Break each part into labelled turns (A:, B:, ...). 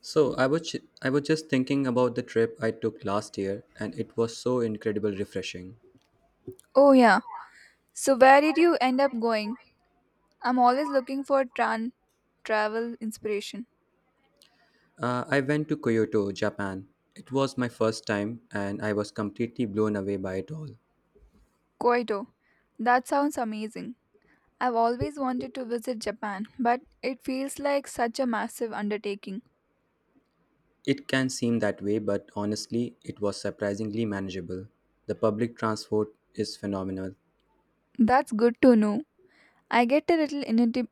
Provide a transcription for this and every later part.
A: So I was just thinking about the trip I took last year, and it was so incredibly refreshing.
B: Oh, yeah. So, where did you end up going? I'm always looking for tran travel inspiration.
A: I went to Kyoto, Japan. It was my first time, and I was completely blown away by it all.
B: Kyoto. That sounds amazing. I've always wanted to visit Japan, but it feels like such a massive undertaking.
A: It can seem that way, but honestly, it was surprisingly manageable. The public transport is phenomenal,
B: That's good to know. I get a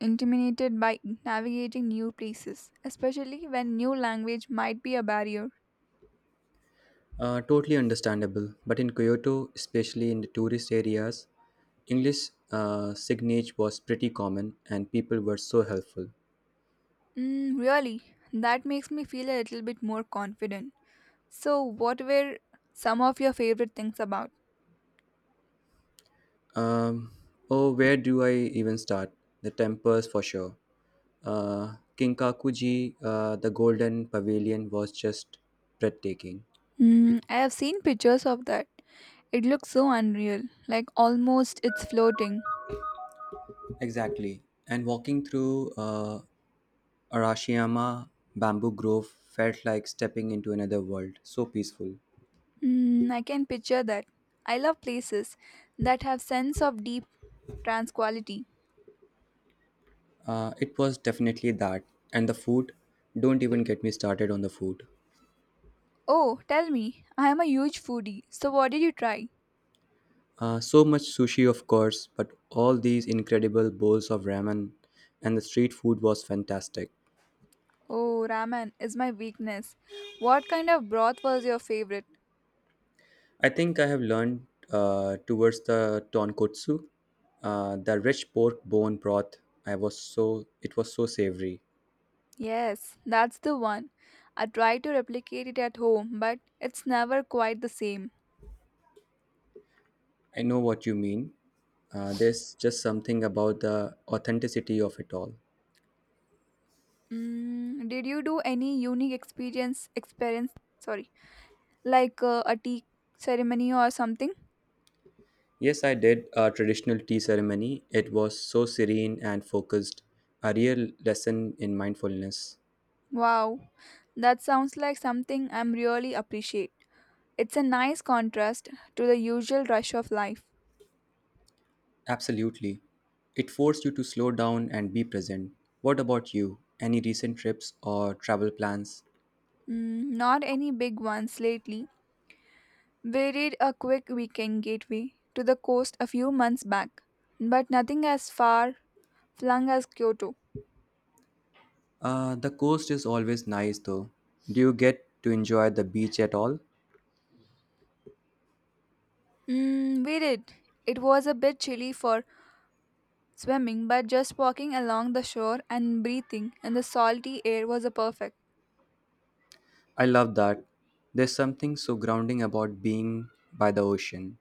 B: intimidated by navigating new places, especially when new language might be a barrier.
A: totally understandable. But in Kyoto, especially in the tourist areas, English signage was pretty common, and people were so helpful.
B: Mm, really, that makes me feel a little bit more confident. So, what were some of your favorite things about?
A: Um, oh, where do I even start? The temples for sure. Kinkakuji, the Golden Pavilion was just breathtaking.
B: Mm, I have seen pictures of that. It looks so unreal, like almost it's floating.
A: Exactly. And walking through Arashiyama Bamboo Grove felt like stepping into another world. So peaceful.
B: Mm, I can picture that. I love places that have sense of deep trans quality.
A: It was definitely that. And the food, don't even get me started on the food.
B: Oh, tell me, I am a huge foodie. So what did you try?
A: So much sushi, of course, but all these incredible bowls of ramen and the street food was fantastic.
B: Oh, ramen is my weakness. What kind of broth was your favorite?
A: I think I have learned towards the tonkotsu, the rich pork bone broth. I was so it was so savory.
B: Yes, that's the one. I try to replicate it at home, but it's never quite the same.
A: I know what you mean. There's just something about the authenticity of it all.
B: Mm, did you do any unique experience experience sorry like a tea ceremony or something?
A: Yes, I did a traditional tea ceremony. It was so serene and focused, a real lesson in mindfulness.
B: Wow. That sounds like something I'm really appreciate. It's a nice contrast to the usual rush of life.
A: Absolutely. It forced you to slow down and be present. What about you? Any recent trips or travel plans?
B: Mm, not any big ones lately. We did a quick weekend gateway to the coast a few months back, but nothing as far flung as Kyoto.
A: The coast is always nice though. Do you get to enjoy the beach at all?
B: Mm, we did. It was a bit chilly for swimming, but just walking along the shore and breathing in the salty air was a perfect.
A: I love that. There's something so grounding about being by the ocean.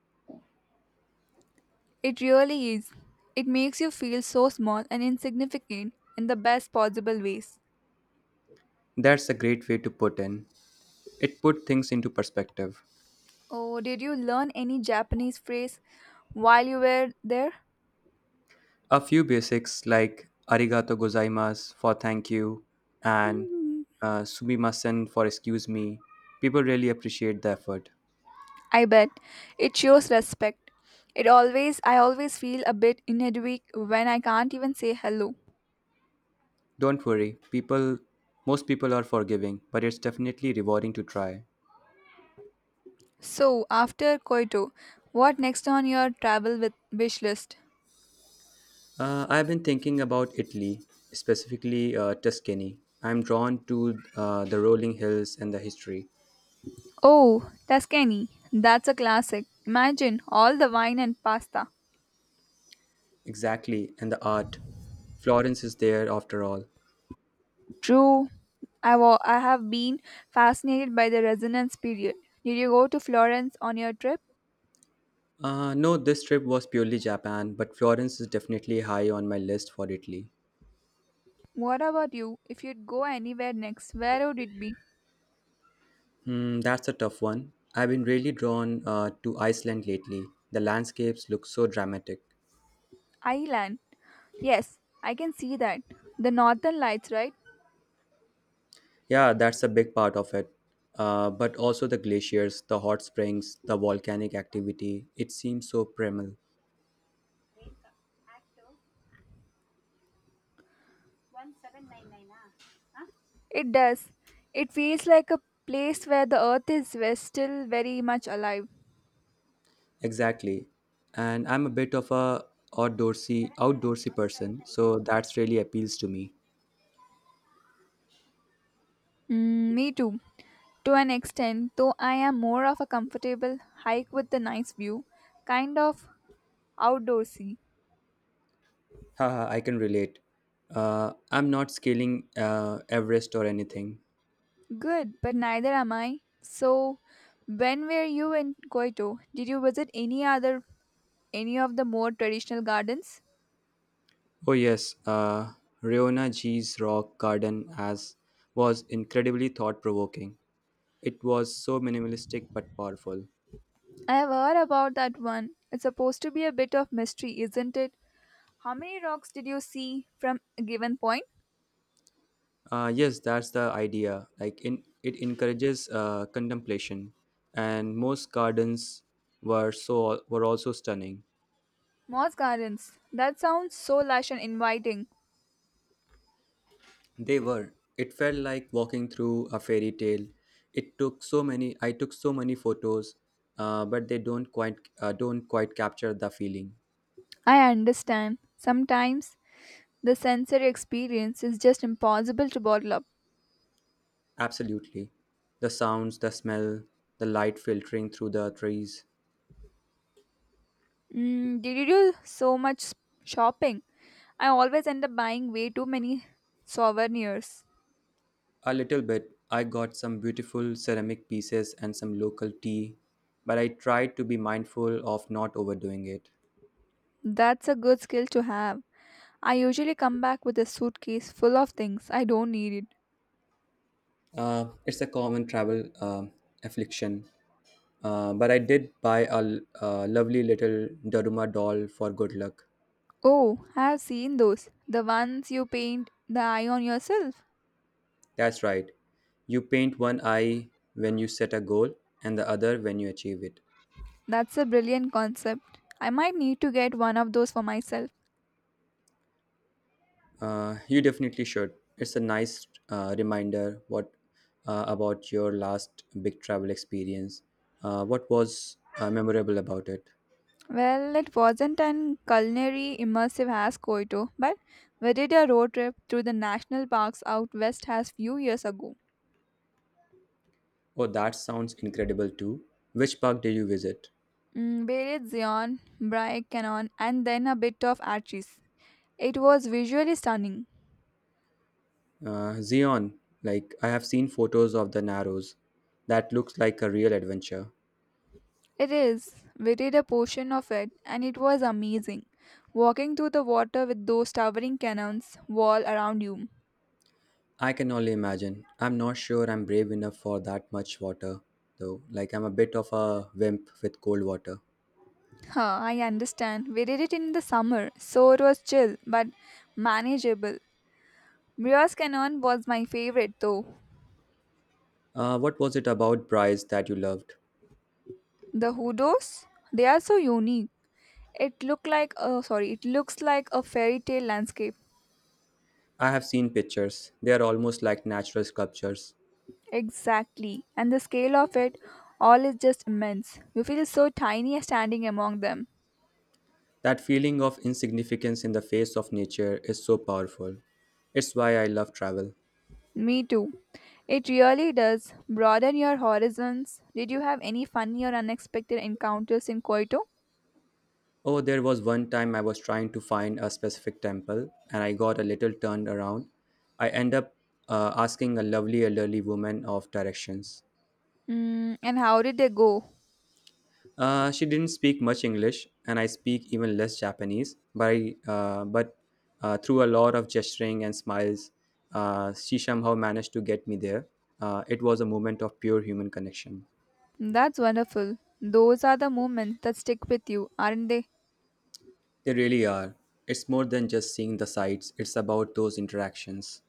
B: It really is. It makes you feel so small and insignificant in the best possible ways.
A: That's a great way to put in. It put things into perspective.
B: Oh, did you learn any Japanese phrase while you were there?
A: A few basics like arigato gozaimasu for thank you and
B: Hmm,
A: sumimasen for excuse me. People really appreciate the effort.
B: I bet it shows respect. It always I always feel a bit inadequate when I can't even say hello.
A: Don't worry, people most people are forgiving, but it's definitely rewarding to try.
B: So, after Kyoto, what next on your travel with wish list?
A: I've been thinking about Italy, specifically Tuscany. I'm drawn to the rolling hills and the history.
B: Oh, Tuscany. That's a classic. Imagine all the wine and pasta.
A: Exactly, and the art. Florence is there after all.
B: True. I have been fascinated by the Renaissance period. Did you go to Florence on your trip?
A: No, this trip was purely Japan, but Florence is definitely high on my list for Italy.
B: What about you? If you'd go anywhere next, where would it be?
A: Hmm, that's a tough one. I've been really drawn to Iceland lately. The landscapes look so dramatic.
B: Ireland. Yes, I can see that. The northern lights, right?
A: Yeah, that's a big part of it. But also the glaciers, the hot springs, the volcanic activity. It seems so primal.
B: It does. It feels like a place where the still very much alive.
A: Exactly. And I'm a bit of a outdoorsy person, so that's really appeals to me.
B: Mm, me too, to an extent, though I am more of a comfortable hike with a nice view, kind of outdoorsy.
A: Haha, I can relate. I'm not scaling Everest or anything.
B: Good, but neither am I. So, when were you in Koito? Did you visit any of the more traditional gardens?
A: Oh yes, Riona G's rock garden as was incredibly thought provoking. It was so minimalistic but powerful.
B: I have heard about that one. It's supposed to be a bit of mystery, isn't it? How many rocks did you see from a given point?
A: Yes, that's the idea. Like in, it encourages contemplation, and most gardens were also stunning.
B: Moss gardens. That sounds so lush and inviting.
A: They were. It felt like walking through a fairy tale. It took so many. I took so many photos, but they don't quite capture the feeling.
B: I understand. Sometimes the sensory experience is just impossible to bottle up.
A: Absolutely, the sounds, the smell, the light filtering through the trees.
B: Mm, did you do so shopping? I always end up buying way too many souvenirs.
A: A little bit. I got some beautiful ceramic pieces and some local tea, but I tried to be mindful of not overdoing it.
B: That's a good skill to have. I usually come back with a suitcase full of things I don't need it.
A: It's a common travel affliction, but I did buy a lovely little Daruma doll for good luck.
B: Oh, I have seen those. The ones you paint the eye on yourself.
A: That's right. You paint one eye when you set a goal and the other when you achieve it.
B: That's a brilliant concept. I might need to get one of those for myself.
A: You definitely should. It's a nice reminder what about your last big travel experience. What was memorable about it?
B: Well, it wasn't an culinary immersive as Koito, but we did a road trip through the national parks out west as few years ago.
A: Oh, that sounds incredible too. Which park did you visit?
B: Mm, Beret Zion, Brai Canon, and then a bit of Archie's. It was visually stunning.
A: Zion. Like I have seen photos of the Narrows. That looks like a real adventure.
B: It is. We did a portion of it, and it was amazing. Walking through the water with those towering cannons wall around you.
A: I can only imagine. I'm not sure I'm brave enough for that much water, though. Like I'm a bit of a wimp with cold water.
B: Huh, I understand. We did it in the summer, so it was chill but manageable. Mirror's Canyon was my favorite though.
A: What was it about Bryce that you loved?
B: The hoodoos, they are so unique. It looked like it looks like a fairy tale landscape.
A: I have seen pictures. They are almost like natural sculptures.
B: Exactly. And the scale of it all is just immense. You feel so tiny standing among them.
A: That feeling of insignificance in the face of nature is so powerful. It's why I love travel.
B: Me too. It really does broaden your horizons. Did you have any funny or unexpected encounters in Kyoto?
A: Oh, there was one time I was trying to find a specific temple and I got a little turned around. I end up asking a lovely elderly woman of directions.
B: Mm, and how did they go?
A: She didn't speak much English, and I speak even less Japanese. But through a lot of gesturing and smiles, she somehow managed to get me there. It was a moment of pure human connection.
B: That's wonderful. Those are the moments that stick with you, aren't they?
A: They really are. It's more than just seeing the sights. It's about those interactions.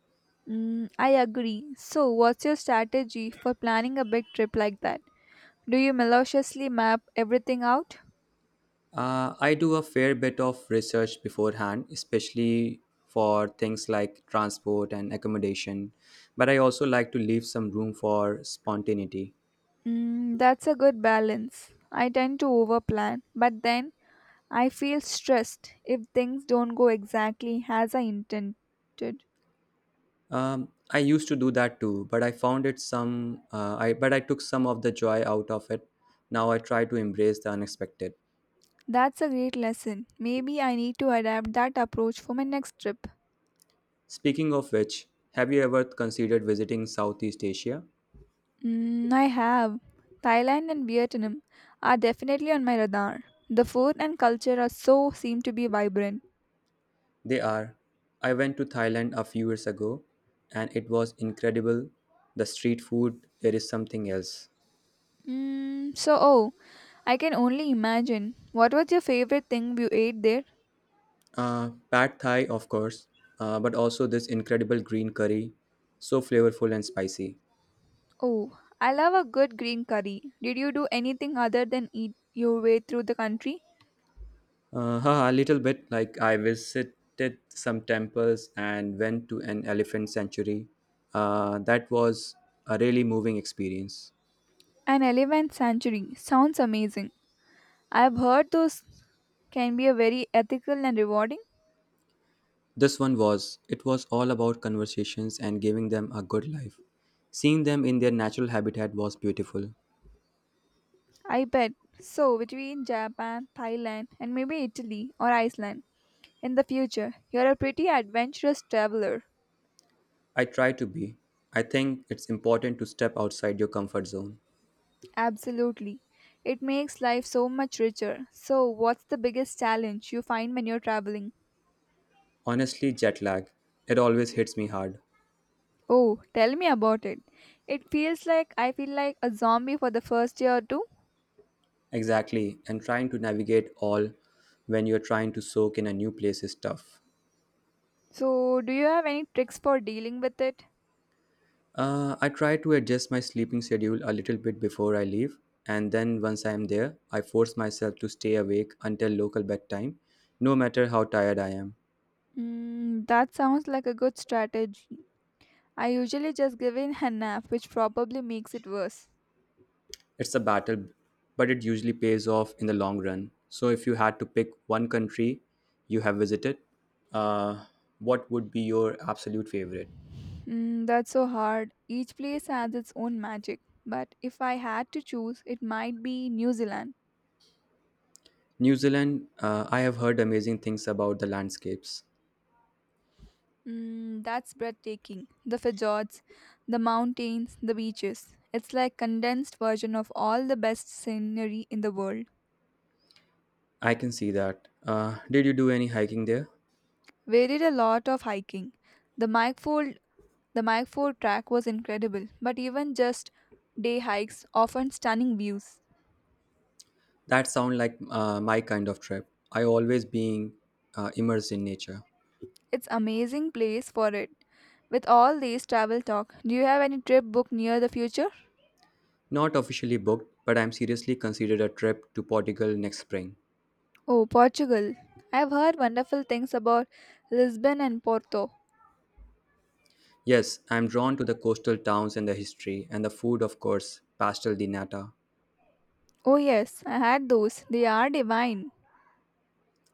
B: Mm, I agree. So, what's your strategy for planning a big trip like that? Do you maliciously map everything out?
A: I do a fair bit of research beforehand, especially for things like transport and accommodation. But I also like to leave some room for spontaneity.
B: Mm, that's a good balance. I tend to overplan, but then I feel stressed if things don't go exactly as I intended.
A: I used to do that too, but I found it some. I but I took some of the joy out of it. Now I try to embrace the unexpected.
B: That's a great lesson. Maybe I need to adapt that approach for my next trip.
A: Speaking of which, have you ever considered visiting Southeast Asia?
B: Mm, I have. Thailand and Vietnam are definitely on my radar. The food and culture are so seem to be vibrant.
A: They are. I went to Thailand a few years ago, and it was incredible. The street food there is something else.
B: Mm, so, oh, I can only imagine. What was your favorite thing you ate there?
A: Pad Thai, of course, but also this incredible green curry, so flavorful and spicy.
B: Oh, I love a good green curry. Did you do anything other than eat your way through the country?
A: Haha, a little bit like I visited some temples and went to an elephant sanctuary. That was a really moving experience.
B: An elephant sanctuary sounds amazing. I've heard those can be a very ethical and rewarding.
A: This one was, it was all about conversations and giving them a good life. Seeing them in their natural habitat was beautiful.
B: I bet. So, between Japan, Thailand, and maybe Italy or Iceland in the future, you're a pretty adventurous traveler.
A: I try to be. I think it's important to step outside your comfort zone.
B: Absolutely. It makes life so much richer. So, what's the biggest challenge you find when you're traveling?
A: Honestly, jet lag, it always hits me hard.
B: Oh, tell me about it. It feels like I feel like a zombie for the first year or two.
A: Exactly, and trying to navigate all when you're trying to soak in a new place is tough.
B: So, do you have any tricks for dealing with it?
A: I try to adjust my sleeping schedule a little bit before I leave, and then once I am there, I force myself to stay awake until local bedtime, no matter how tired I am.
B: Mm, that sounds like a good strategy. I usually just give in a nap, which probably makes it worse.
A: It's a battle, but it usually pays off in the long run. So, if you had to pick one country you have visited, uh, what would be your absolute favorite?
B: Mm, that's so hard. Each place has its own magic. But if I had to choose, it might be New Zealand.
A: New Zealand, I have heard amazing things about the landscapes.
B: Mm, that's breathtaking. The fjords, the mountains, the beaches. It's like condensed version of all the best scenery in the world.
A: I can see that. Did you do any hiking there?
B: We did a lot of hiking. The Mikefold the Mike track was incredible, but even just day hikes often stunning views.
A: That sound like my kind of trip. I always being immersed in nature.
B: It's amazing place for it. With all these travel talk, do you have any trip booked near the future?
A: Not officially booked, but I'm seriously considered a trip to Portugal next spring.
B: Oh, Portugal. I've heard wonderful things about Lisbon and Porto.
A: Yes, I'm drawn to the coastal towns and the history and the food, of course, pastel di nata.
B: Oh, yes, I had those. They are divine.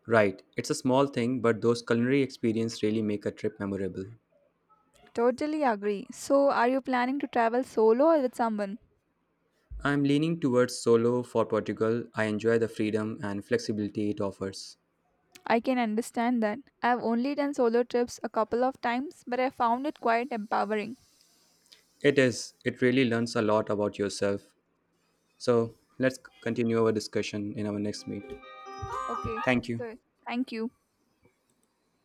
A: Right, it's a small thing, but those culinary experiences really make a trip memorable.
B: Totally agree. So, are you planning to travel solo or with someone?
A: I'm leaning towards solo for Portugal. I enjoy the freedom and flexibility it offers.
B: I can understand that. I've only done solo trips a couple of times, but I found it quite empowering.
A: It is. It really learns a lot about yourself. So let's continue our discussion in our next meet.
B: Okay,
A: Thank you.
B: so thank you.